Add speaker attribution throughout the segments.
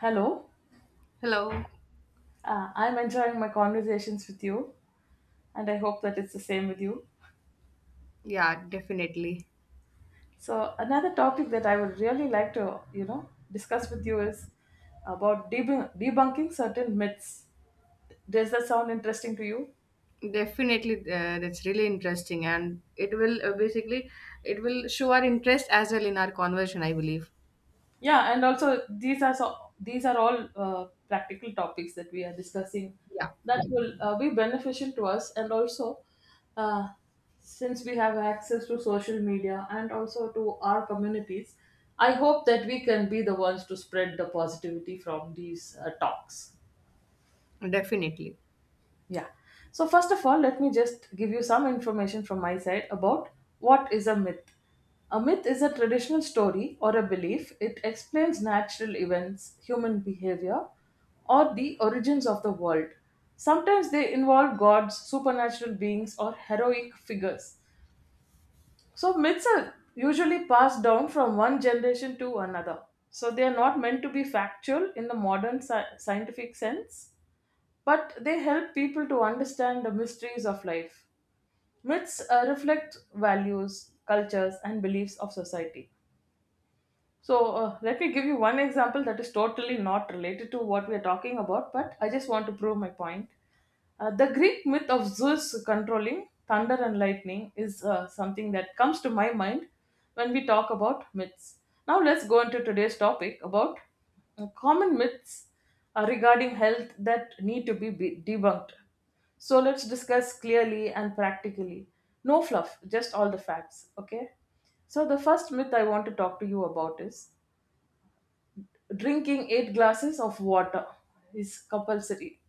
Speaker 1: Hello,
Speaker 2: Hello.
Speaker 1: I'm enjoying my conversations with you, and I hope that it's the same with you.
Speaker 2: Yeah, definitely.
Speaker 1: So, another topic that I would really like to, discuss with you is about debunking certain myths. Does that sound interesting to you?
Speaker 2: Definitely, that's really interesting, and it will basically it will show our interest as well in our conversion, I believe.
Speaker 1: Yeah, and also these are, so these are all practical topics that we are discussing
Speaker 2: Yeah,
Speaker 1: that will be beneficial to us, and also uh, since we have access to social media and also to our communities, I hope that we can be the ones to spread the positivity from these talks.
Speaker 2: definitely.
Speaker 1: Yeah. So, first of all, let me just give you some information from my side about what is a myth. A myth is a traditional story or a belief. It explains natural events, human behavior, or the origins of the world. Sometimes they involve gods, supernatural beings, or heroic figures. So, myths are usually passed down from one generation to another. So, they are not meant to be factual in the modern scientific sense, but they help people to understand the mysteries of life. Myths reflect values, cultures, and beliefs of society. So, let me give you one example that is totally not related to what we are talking about, but I just want to prove my point. The Greek myth of Zeus controlling thunder and lightning is something that comes to my mind when we talk about myths. Now, let's go into today's topic about common myths regarding health that need to be debunked. So, let's discuss clearly and practically. No fluff, just all the facts, okay? So, the first myth I want to talk to you about is drinking eight glasses of water is compulsory.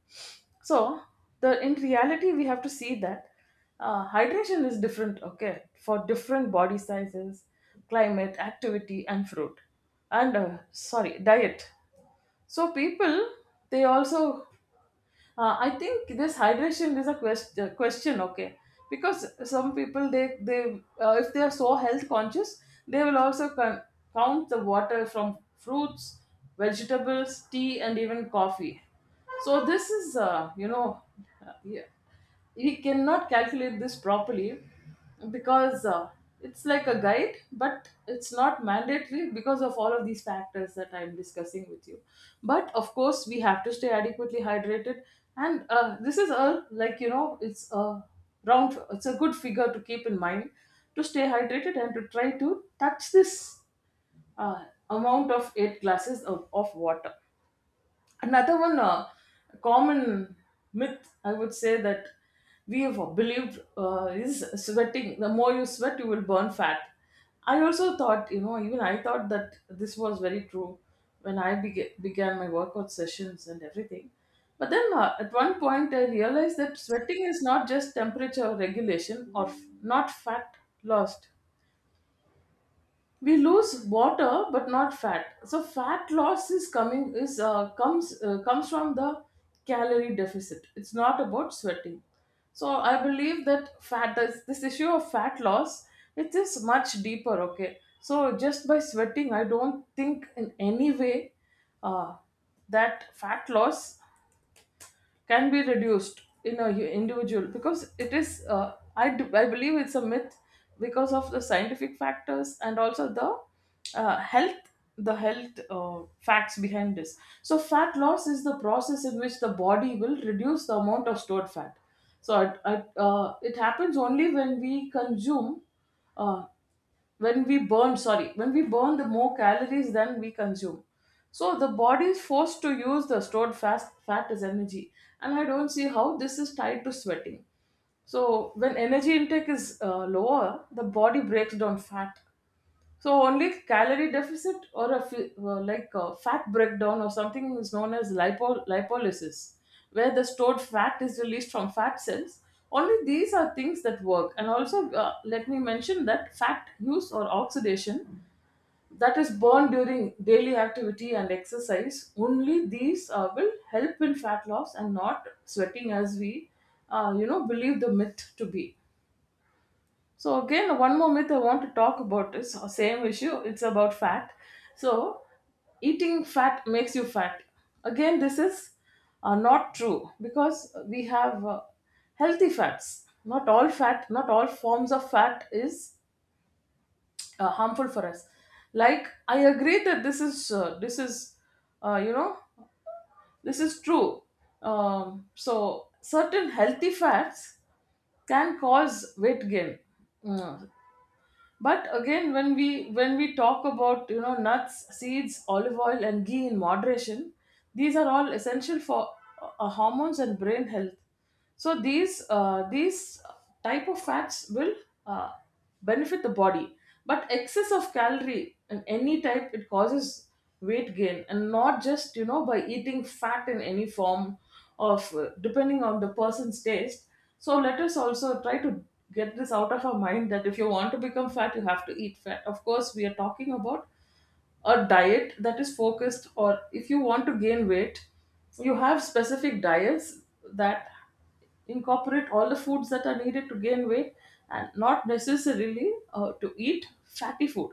Speaker 1: So, the in reality, we have to see that hydration is different, okay, for different body sizes, climate, activity, and fruit, and sorry, diet. So, people, they also, I think this hydration is a question, okay, because some people, they if they are so health conscious, they will also count the water from fruits, vegetables, tea, and even coffee. So this is, yeah, we cannot calculate this properly because it's like a guide, but it's not mandatory because of all of these factors that I'm discussing with you. But of course, we have to stay adequately hydrated, and this is a, like, you know, it's a round, it's a good figure to keep in mind to stay hydrated and to try to touch this uh, amount of eight glasses of water. Another one, common myth I would say that we have believed is sweating, the more you sweat you will burn fat. I also thought, you know, even I thought that this was very true when I began my workout sessions and everything. But then at one point, I realized that sweating is not just temperature regulation, or not fat lost. We lose water but not fat. So fat loss is coming is comes comes from the calorie deficit. It's not about sweating. So I believe that fat, this issue of fat loss, it is much deeper, okay? So just by sweating, I don't think in any way uh, that fat loss can be reduced in a individual, because it is, I believe it's a myth because of the scientific factors and also the uh, health health facts behind this. So fat loss is the process in which the body will reduce the amount of stored fat. So it happens only when we consume uh, when we burn the more calories than we consume. So the body is forced to use the stored fast fat as energy, and I don't see how this is tied to sweating. So when energy intake is lower, the body breaks down fat. So only calorie deficit, or a like a fat breakdown or something, is known as lipolysis, where the stored fat is released from fat cells. Only these are things that work. And also, let me mention that fat use or oxidation that is burned during daily activity and exercise, only these will help in fat loss and not sweating, as we, believe the myth to be. So again, one more myth I want to talk about is the same issue. It's about fat. So, eating fat makes you fat. Again, this is not true, because we have healthy fats. Not all fat, not all forms of fat is harmful for us. Like, I agree that this is uh, you know this is true. So certain healthy fats can cause weight gain. Mm. But again, when we talk about, you know, nuts, seeds, olive oil, and ghee in moderation, these are all essential for hormones and brain health. So these type of fats will uh, benefit the body. But excess of calorie in any type, it causes weight gain, and not just, you know, by eating fat in any form of, depending on the person's taste. So let us also try to get this out of our mind that if you want to become fat, you have to eat fat. Of course, we are talking about a diet that is focused, or if you want to gain weight, you have specific diets that incorporate all the foods that are needed to gain weight, and not necessarily to eat fatty food.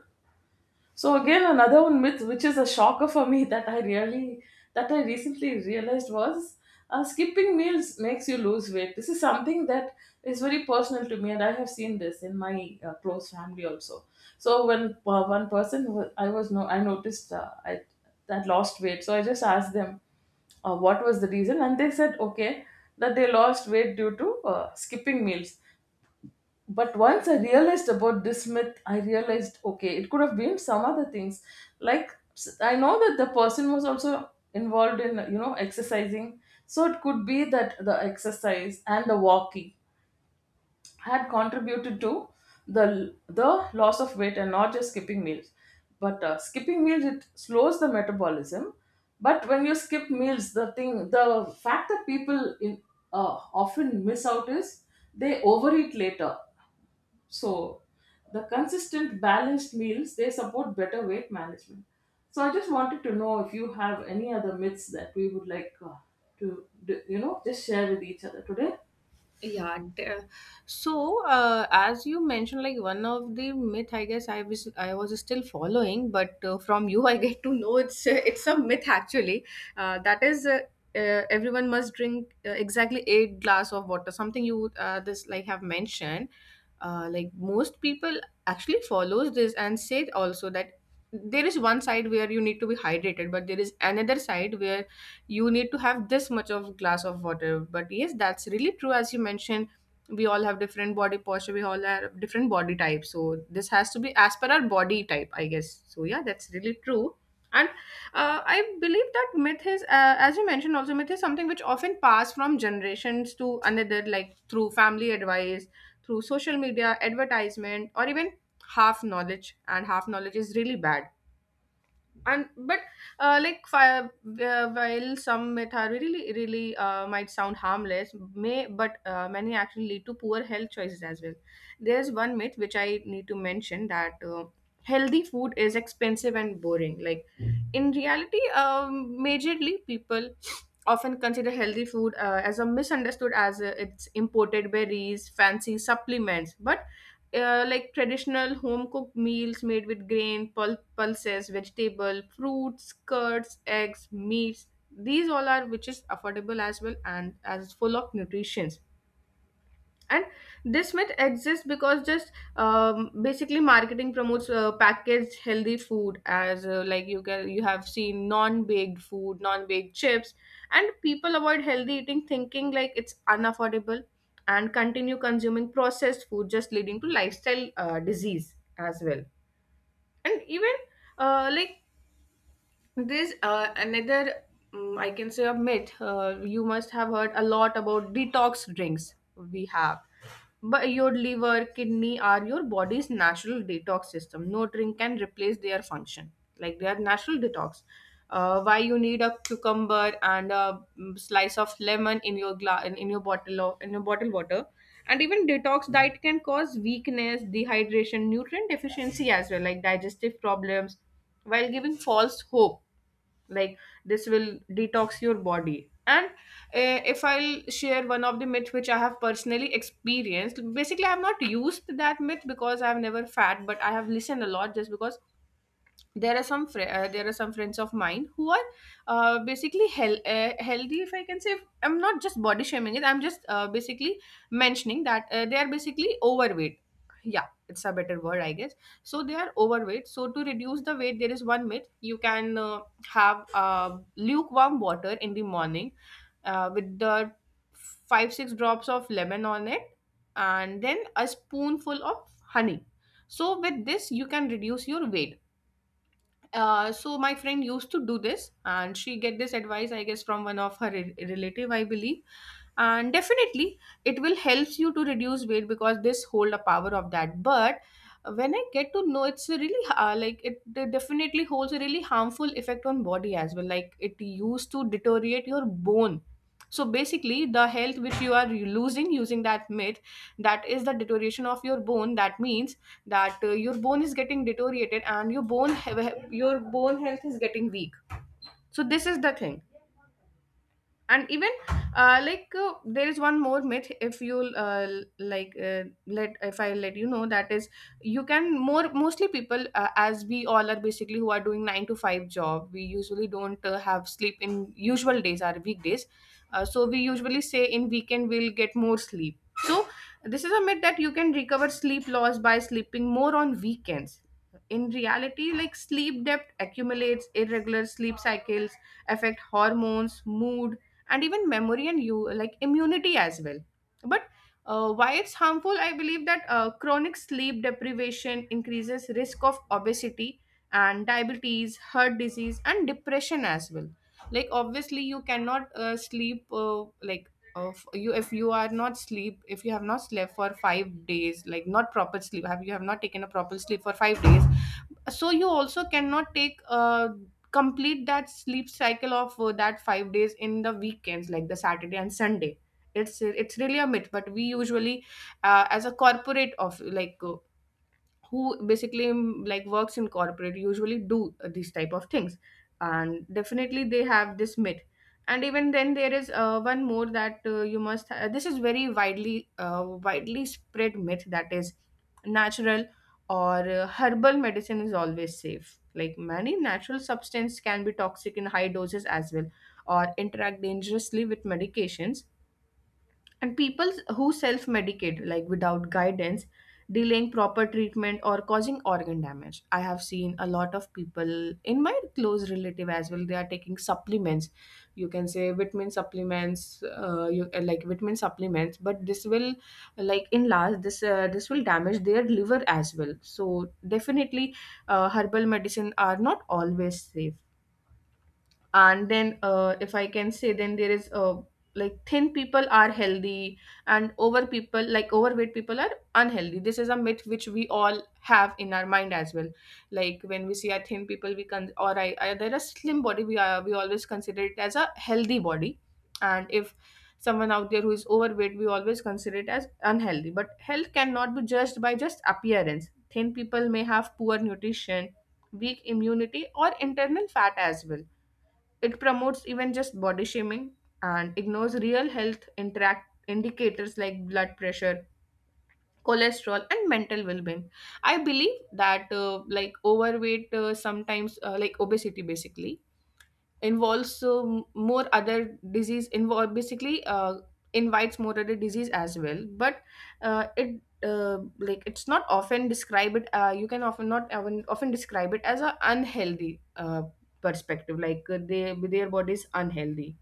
Speaker 1: So again, another one myth, which is a shocker for me that I recently realized was skipping meals makes you lose weight. This is something that is very personal to me, and I have seen this in my close family also. So when one person who- I was no, I noticed, I that lost weight, so I just asked them what was the reason, and they said, okay, that they lost weight due to skipping meals. But once I realized about this myth, I realized, okay, it could have been some other things. Like, I know that the person was also involved in, you know, exercising. So it could be that the exercise and the walking had contributed to the loss of weight and not just skipping meals. But skipping meals, it slows the metabolism. But when you skip meals, the thing the fact that people in uh, often miss out is they overeat later. So the consistent balanced meals, they support better weight management. So, I just wanted to know if you have any other myths that we would like you know, just share with each other today.
Speaker 2: yeah there- so as you mentioned, like, one of the myth I guess I was still following, but from you I get to know it's it's a myth actually. That is Everyone must drink exactly eight glass of water, something you this like have mentioned. Like, most people actually follows this and say also that there is one side where you need to be hydrated, but there is another side where you need to have this much of glass of water. But yes, that's really true. As you mentioned, we all have different body posture, we all have different body types, so this has to be as per our body type, I guess. So yeah, that's really true. And I believe that myth is, as you mentioned also, myth is something which often pass from generations to another, like through family advice, through social media advertisement, or even half knowledge. And half knowledge is really bad. And but uh, like fi- uh, while some method really really might sound harmless, may, but many actually lead to poor health choices as well. There's one myth which I need to mention, that healthy food is expensive and boring. Like, in reality, majorly people often consider healthy food as a misunderstood, as it's imported berries, fancy supplements. But like traditional home cooked meals made with grain, pulp, pulses, vegetable, fruits, curds, eggs, meats. These all are which is affordable as well and as full of nutritions. And this myth exists because, just, basically marketing promotes packaged healthy food as, like, you can, you have seen non-baked food, non-baked chips, and people avoid healthy eating thinking like it's unaffordable and continue consuming processed food, just leading to lifestyle disease as well. And even, like, there's another, mm, I can say, a myth. You must have heard a lot about detox drinks we have. But your liver, kidney are your body's natural detox system. No drink can replace their function. Like, they are natural detox. Why you need a cucumber and a, mm, slice of lemon in your in your bottle of, in your bottle water. And even detox diet can cause weakness, dehydration, nutrient deficiency as well, like digestive problems, while giving false hope, like, this will detox your body. And if I'll share one of the myth which I have personally experienced, basically I have not used that myth because I have never fat, but I have listened a lot, just because there are some fri there are some friends of mine who are basically healthy, if I can say. I'm not just body shaming it, I'm just basically mentioning that they are basically overweight. Yeah, it's a better word, I guess. So they are overweight. So to reduce the weight, there is one myth. You can have lukewarm water in the morning with the 5 6 drops of lemon on it, and then a spoonful of honey. So with this, you can reduce your weight. Uh, so my friend used to do this, and she get this advice, I guess, from one of her relative, I believe. And definitely, it will help you to reduce weight, because this hold a power of that. But when I get to know, it's a really definitely holds a really harmful effect on body as well, like it used to deteriorate your bone. So basically, the health which you are losing using that myth, that is the deterioration of your bone. That means that your bone is getting deteriorated, and your your bone health is getting weak. So this is the thing. And even, there is one more myth, if you'll l- like let, if I let you know, that is, you can, more, mostly people, as we all are basically who are doing 9 to 5 job, we usually don't have sleep in usual days or weekdays. So we usually say, in weekend we'll get more sleep. So this is a myth, that you can recover sleep loss by sleeping more on weekends. In reality, like, sleep debt accumulates, irregular sleep cycles affect hormones, mood, and even memory, and you, like, immunity as well. But why it's harmful, I believe that chronic sleep deprivation increases risk of obesity and diabetes, heart disease, and depression as well. Like, obviously you cannot sleep like, of you, if you are not sleep, if you have not slept for 5 days, like, not proper sleep, have, you have not taken a proper sleep for 5 days, so you also cannot take, complete that sleep cycle of that 5 days in the weekends, like the Saturday and Sunday. It's really a myth, but we usually, as a corporate of, who basically, mm, like works in corporate, usually do these type of things. And definitely, they have this myth. And even then, there is one more, that you must this is very widely spread myth, that is, natural or herbal medicine is always safe. Like, many natural substance can be toxic in high doses as well, or interact dangerously with medications. And people who self medicate, like, without guidance, delaying proper treatment or causing organ damage. I have seen a lot of people in my close relative as well, they are taking supplements. You can say vitamin supplements, like, vitamin supplements, but this will, like, in last, this will damage their liver as well. So definitely, herbal medicine are not always safe. And then, if I can say, then there is, like, thin people are healthy, and over people, like, overweight people are unhealthy. This is a myth which we all have in our mind as well. Like, when we see a thin people, we can, or I, there a slim body, we are, we always consider it as a healthy body. And if someone out there who is overweight, we always consider it as unhealthy. But health cannot be judged by just appearance. Thin people may have poor nutrition, weak immunity, or internal fat as well. It promotes even just body shaming, and ignores real health interact indicators like blood pressure, cholesterol, and mental well-being. I believe that, like, overweight, sometimes like, obesity basically involves, so, more other disease involve, basically invites more other disease as well. But it like, it's not often describe it, you can often, not often, often describe it as a unhealthy perspective, like, they, their body is unhealthy.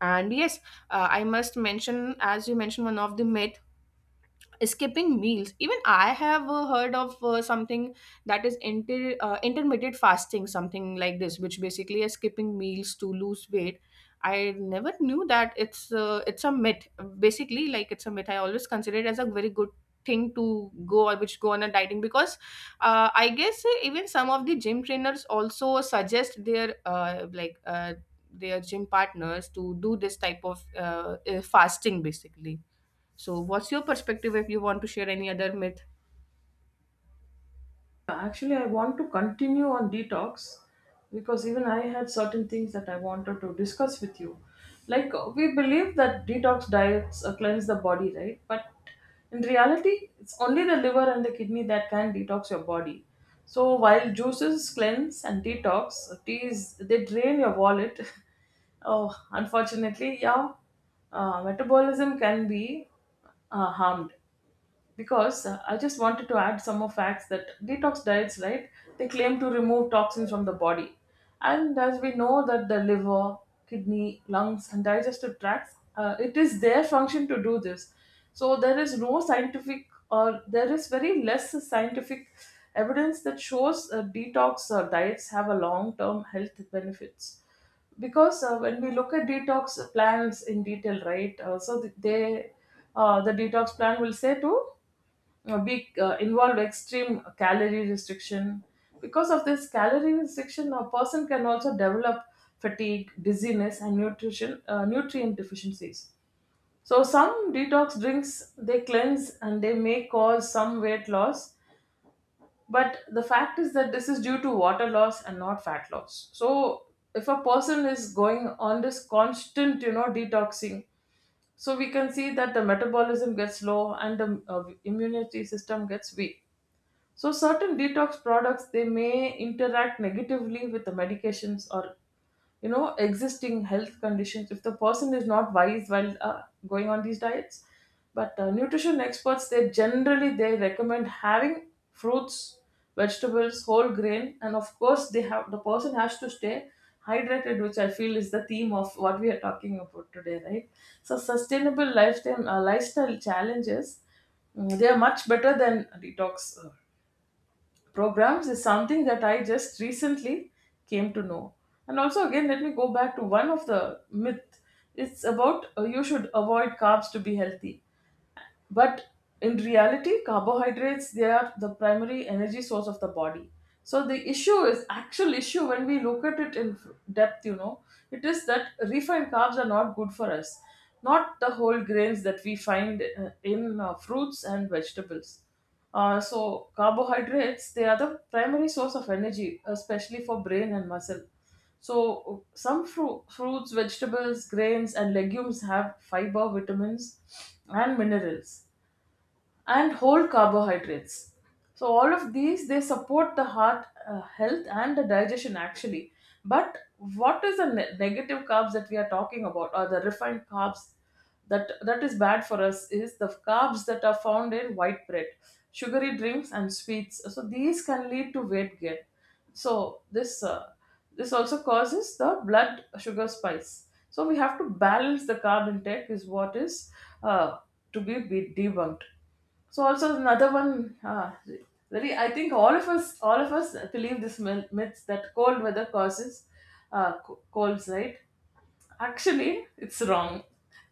Speaker 2: And yes, I must mention, as you mentioned one of the myth, skipping meals. Even I have heard of something, that is intermittent fasting, something like this, which basically is skipping meals to lose weight. I never knew that it's a myth, basically. Like, it's a myth. I always consider it as a very good thing to go, or which, go on a dieting, because I guess even some of the gym trainers also suggest their their gym partners to do this type of fasting, basically. So, what's your perspective, if you want to share any other myth?
Speaker 1: Actually, I want to continue on detox, because even I had certain things that I wanted to discuss with you. Like, we believe that detox diets cleanse the body, right? But in reality, it's only the liver and the kidney that can detox your body. So, while juices cleanse and detox, teas, they drain your wallet. Oh, unfortunately, yeah, metabolism can be harmed, because I just wanted to add some more facts that detox diets, right, they claim to remove toxins from the body, and as we know that the liver, kidney, lungs, and digestive tracts, it is their function to do this. So there is no scientific, or there is very less scientific evidence that shows detox diets have a long-term health benefits. Because when we look at detox plans in detail, right, they the detox plan will say to be involve extreme calorie restriction. Because of this calorie restriction, a person can also develop fatigue, dizziness, and nutrition nutrient deficiencies. So some detox drinks, they cleanse, and they may cause some weight loss, but the fact is that this is due to water loss and not fat loss. So if a person is going on this constant, you know, detoxing, so we can see that the metabolism gets low and the immunity system gets weak. So certain detox products, they may interact negatively with the medications, or, you know, existing health conditions, if the person is not wise while going on these diets. But nutrition experts, they generally, they recommend having fruits, vegetables, whole grain, and of course, they have, the person has to stay hydrated, which I feel is the theme of what we are talking about today, right? So sustainable lifestyle challenges, mm, they are much better than detox programs is something that I just recently came to know. And also, again, let me go back to one of the myth. It's about you should avoid carbs to be healthy, but in reality, carbohydrates, they are the primary energy source of the body. So the issue is, actual issue when we look at it in depth, you know, it is that refined carbs are not good for us, not the whole grains that we find in fruits and vegetables. So carbohydrates, they are the primary source of energy, especially for brain and muscle. So some fruits, vegetables, grains and legumes have fiber, vitamins and minerals and whole carbohydrates. So all of these, they support the heart health and the digestion actually. But what is the negative carbs that we are talking about, or the refined carbs that is bad for us, is the carbs that are found in white bread, sugary drinks, and sweets. So these can lead to weight gain. So this also causes the blood sugar spikes. So we have to balance the carb intake is what is uh, to be debunked. So also another one, very, I think all of us believe this myth that cold weather causes colds, right? Actually, it's wrong,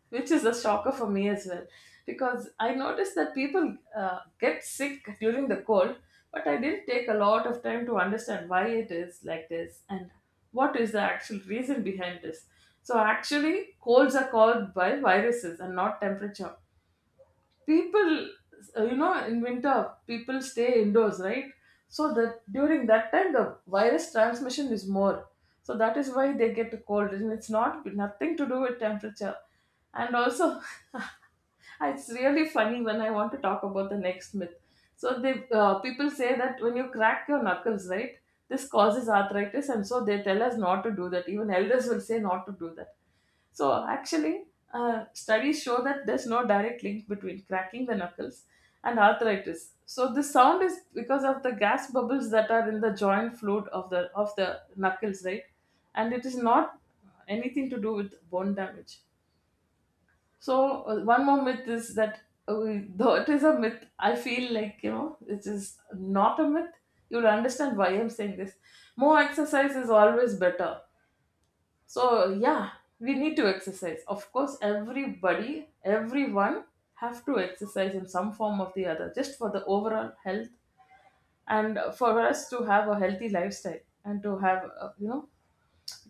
Speaker 1: which is a shocker for me as well, because I noticed that people get sick during the cold, but I didn't take a lot of time to understand why it is like this and what is the actual reason behind this. So actually, colds are caused by viruses and not temperature. People, you know, in winter, people stay indoors, right? So that during that time, the virus transmission is more, so that is why they get a cold, and it's not nothing to do with temperature. And also, it's really funny when I want to talk about the next myth. So they, people say that when you crack your knuckles, right, this causes arthritis, and so they tell us not to do that, even elders will say not to do that. So actually, studies show that there's no direct link between cracking the knuckles and arthritis. So the sound is because of the gas bubbles that are in the joint fluid of the knuckles, right? And it is not anything to do with bone damage. So one more myth is that, uh, though it is a myth, I feel like, you know, it is not a myth. You'll understand why I'm saying this. More exercise is always better. So yeah, we need to exercise, of course. Everybody everyone have to exercise in some form or the other, just for the overall health and for us to have a healthy lifestyle, and to have you know,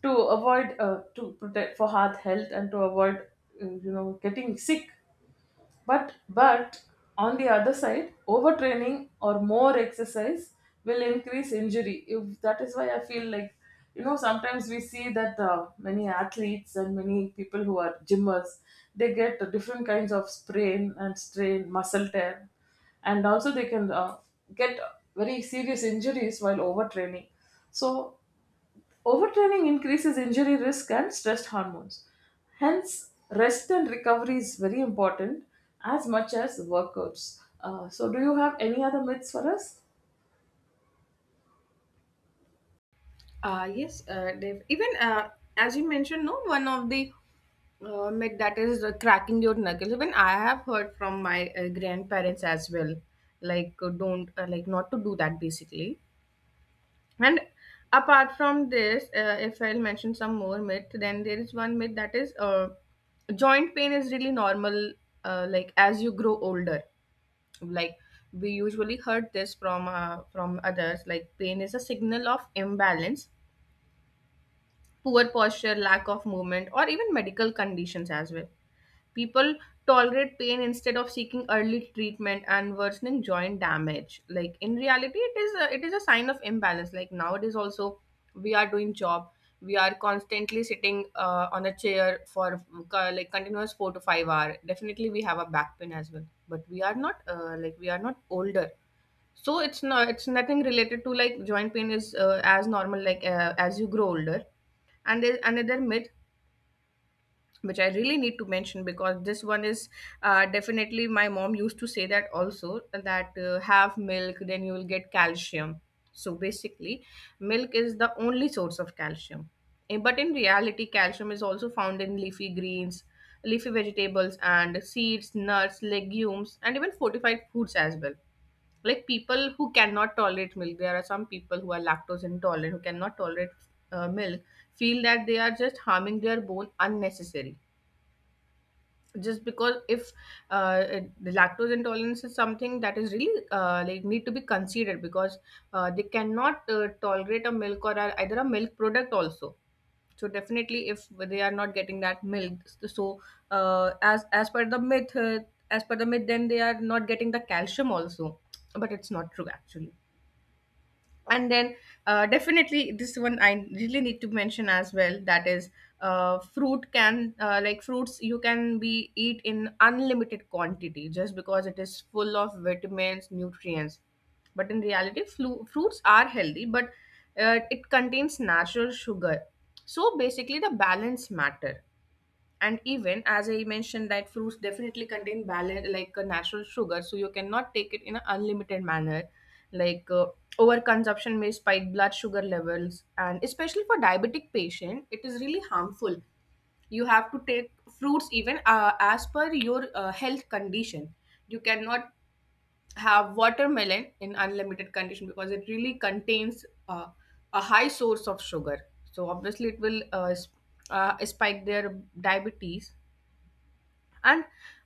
Speaker 1: to avoid, to protect for heart health and to avoid you know, getting sick. But on the other side, overtraining or more exercise will increase injury. If that is why I feel like, you know, sometimes we see that many athletes and many people who are gymmers, they get different kinds of sprain and strain, muscle tear, and also they can get very serious injuries while overtraining. So overtraining increases injury risk and stress hormones. Hence, rest and recovery is very important as much as workouts. So, do you have any other myths for us?
Speaker 2: Yes, Dev. Even, as you mentioned, no, one of the myth that is cracking your knuckles. Even I have heard from my grandparents as well, like, don't, like, not to do that, basically. And apart from this, if I'll mention some more myth, then there is one myth that is, joint pain is really normal, like, as you grow older. Like, we usually heard this from, from others, like, pain is a signal of imbalance, poor posture, lack of movement, or even medical conditions as well. People tolerate pain instead of seeking early treatment and worsening joint damage. Like, in reality, it is a sign of imbalance. Like, nowadays also we are doing job, we are constantly sitting on a chair for like continuous 4 to 5 hour. Definitely we have a back pain as well, but we are not, like, we are not older. So it's not, it's nothing related to, like, joint pain is as normal, like, as you grow older. And there's another myth which I really need to mention because this one is definitely my mom used to say that also, that have milk, then you will get calcium. So basically, milk is the only source of calcium. But in reality, calcium is also found in leafy greens, leafy vegetables, and seeds, nuts, legumes, and even fortified foods as well. Like, people who cannot tolerate milk, there are some people who are lactose intolerant, who cannot tolerate milk, feel that they are just harming their bone unnecessary, just because if the lactose intolerance is something that is really like need to be considered. Because they cannot tolerate a milk or either a milk product also. So definitely if they are not getting that milk, so uh, as as per the myth uh, as per the myth, then they are not getting the calcium also, but it's not true actually. And then definitely this one I really need to mention as well. That is, fruits you can be eat in unlimited quantity just because it is full of vitamins, nutrients. But in reality, fruits are healthy, but it contains natural sugar. So basically, the balance matter. And even as I mentioned, that fruits definitely contain balance, like a natural sugar, so you cannot take it in an unlimited manner. Like, over consumption may spike blood sugar levels, and especially for diabetic patient it is really harmful. You have to take fruits even as per your health condition. You cannot have watermelon in unlimited condition because it really contains a high source of sugar. So obviously it will spike their diabetes. And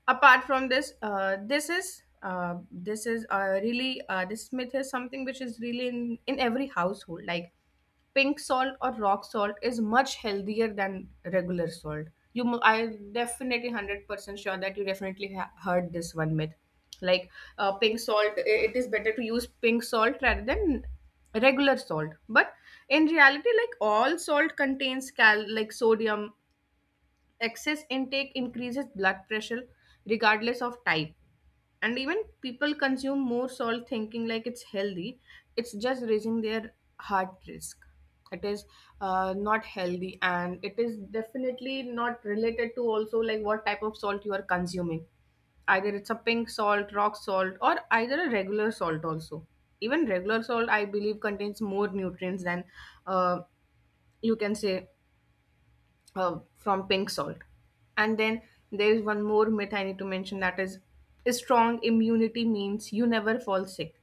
Speaker 2: apart from this, this is really this myth is something which is really in every household. Like, pink salt or rock salt is much healthier than regular salt. I definitely 100% sure that you definitely heard this one myth. Like, pink salt, it is better to use pink salt rather than regular salt. But in reality, like, all salt contains cal like sodium. Excess intake increases blood pressure regardless of type. And even people consume more salt thinking like it's healthy, it's just raising their heart risk. It is not healthy, and it is definitely not related to also like what type of salt you are consuming, either it's a pink salt, rock salt, or either a regular salt also. Even regular salt, I believe, contains more nutrients than uh, you can say, from pink salt. And then there is one more myth I need to mention, that is, strong immunity means you never fall sick.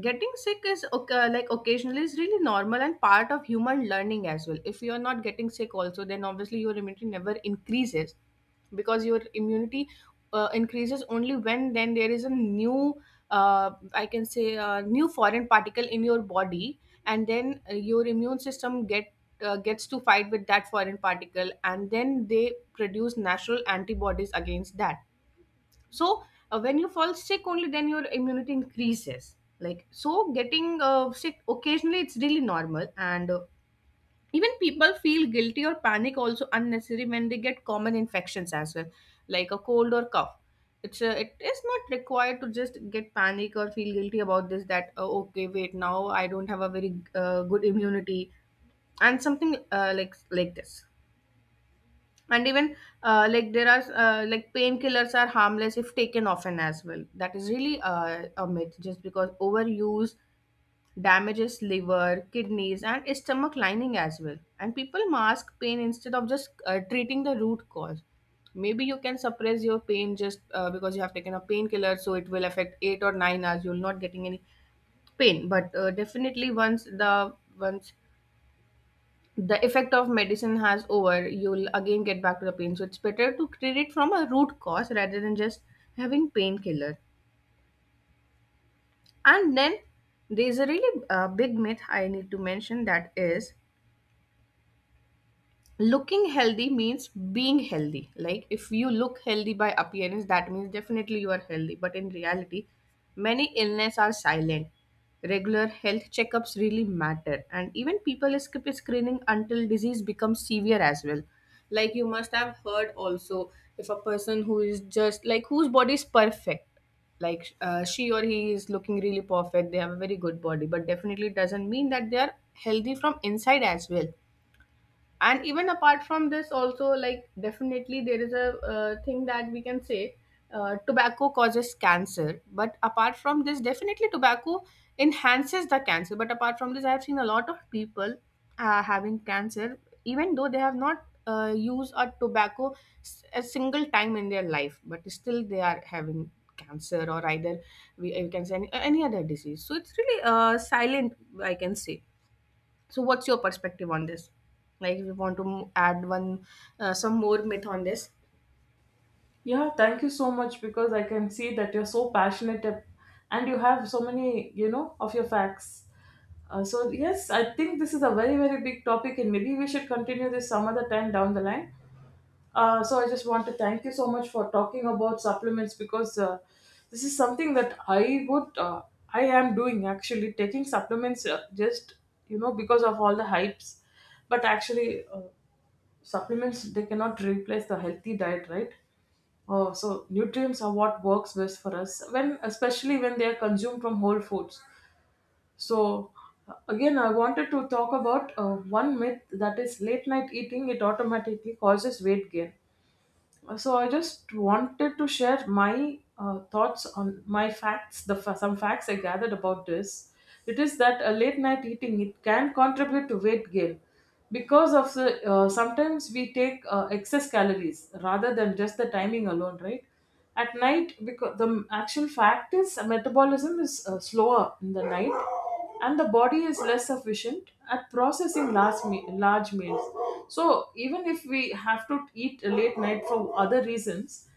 Speaker 2: Getting sick is okay, like occasionally, is really normal and part of human learning as well. If you're not getting sick also, then obviously your immunity never increases. Because your immunity increases only when then there is a new, I can say, a new foreign particle in your body. And then your immune system gets to fight with that foreign particle, and then they produce natural antibodies against that. So when you fall sick, only then your immunity increases. Like, so getting sick occasionally, it's really normal. And even people feel guilty or panic also unnecessary when they get common infections as well, like a cold or cough. It is not required to just get panic or feel guilty about this, that okay, wait, now I don't have a very good immunity, and something like this. And even like there are like painkillers are harmless if taken often as well. That is really a myth, just because overuse damages liver, kidneys, and stomach lining as well. And people mask pain instead of just treating the root cause. Maybe you can suppress your pain just because you have taken a painkiller, so it will affect 8 or 9 hours you're not getting any pain. But definitely, once the effect of medicine has over, you'll again get back to the pain. So it's better to treat it from a root cause rather than just having painkiller. And then there's a really big myth I need to mention, that is, looking healthy means being healthy. Like, if you look healthy by appearance, that means definitely you are healthy, but in reality, many illness are silent. Regular health checkups really matter, and even people skip screening until disease becomes severe as well. Like, you must have heard also, if a person who is just like whose body is perfect, like, she or he is looking really perfect, they have a very good body, but definitely doesn't mean that they are healthy from inside as well. And even apart from this also, like, definitely there is a thing that we can say. Tobacco causes cancer, but apart from this, definitely tobacco enhances the cancer. But apart from this, I have seen a lot of people having cancer, even though they have not used a tobacco a single time in their life, but still they are having cancer. Or either we can say any other disease. So it's really silent, I can say. So, what's your perspective on this? Like, if you want to add one, some more myth on this?
Speaker 1: Yeah, thank you so much, because I can see that you're so passionate, and you have so many, you know, of your facts. So, yes, I think this is a very, very big topic, and maybe we should continue this some other time down the line. So I just want to thank you so much for talking about supplements, because this is something that I would, I am doing, actually taking supplements, just you know, because of all the hypes, but actually, supplements, they cannot replace the healthy diet, right? So nutrients are what works best for us when, especially when they are consumed from whole foods. So again, I wanted to talk about one myth, that is late night eating, it automatically causes weight gain. So I just wanted to share my thoughts on my facts, the some facts I gathered about this. It is that a late night eating, it can contribute to weight gain because of the, sometimes we take excess calories rather than just the timing alone, right, at night? Because the actual fact is, metabolism is slower in the night, and the body is less efficient at processing large, large meals. So even if we have to eat late night for other reasons,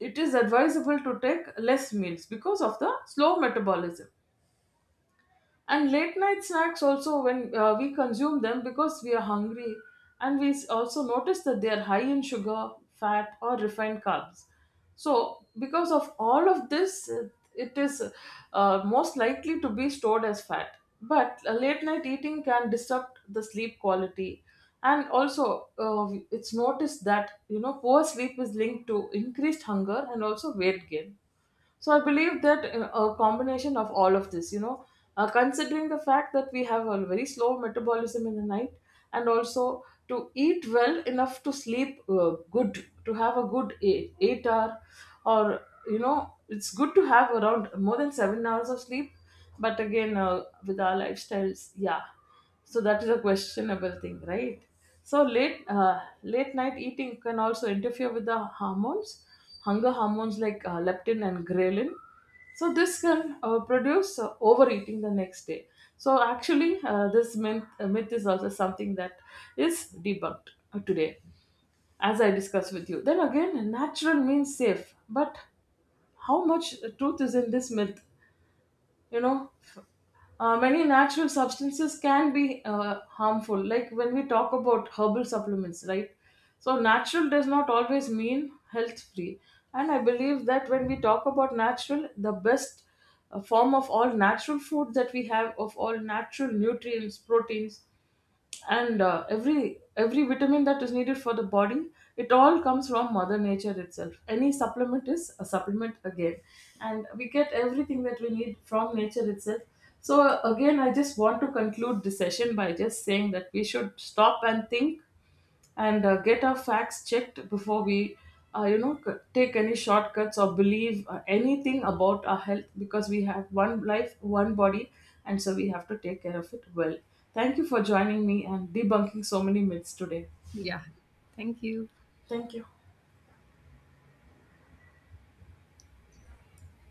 Speaker 1: it is advisable to take less meals because of the slow metabolism. And late night snacks also, when we consume them because we are hungry, and we also notice that they are high in sugar, fat or refined carbs, so because of all of this, it is most likely to be stored as fat. But late night eating can disrupt the sleep quality, and also, it's noticed that, you know, poor sleep is linked to increased hunger and also weight gain. So I believe that a combination of all of this, you know, considering the fact that we have a very slow metabolism in the night, and also to eat well enough to sleep good, to have a good eight, 8 hour, or you know, it's good to have around more than 7 hours of sleep. But again, with our lifestyles, yeah. So that is a questionable thing, right? So late night eating can also interfere with the hormones, hunger hormones like leptin and ghrelin. So this can produce overeating the next day. So actually, myth is also something that is debunked today, as I discussed with you. Then again, natural means safe, but how much truth is in this myth, you know? Many natural substances can be harmful, like when we talk about herbal supplements, right? So natural does not always mean health free. And I believe that when we talk about natural, the best form of all natural food that we have, of all natural nutrients, proteins, and every vitamin that is needed for the body, it all comes from mother nature itself. Any supplement is a supplement, again, and we get everything that we need from nature itself. So again, I just want to conclude the session by just saying that we should stop and think, and get our facts checked before we, you know, take any shortcuts or believe anything about our health, because we have one life, one body, and so we have to take care of it well. Thank you for joining me and debunking so many myths today.
Speaker 2: Yeah. Thank you.
Speaker 1: Thank you.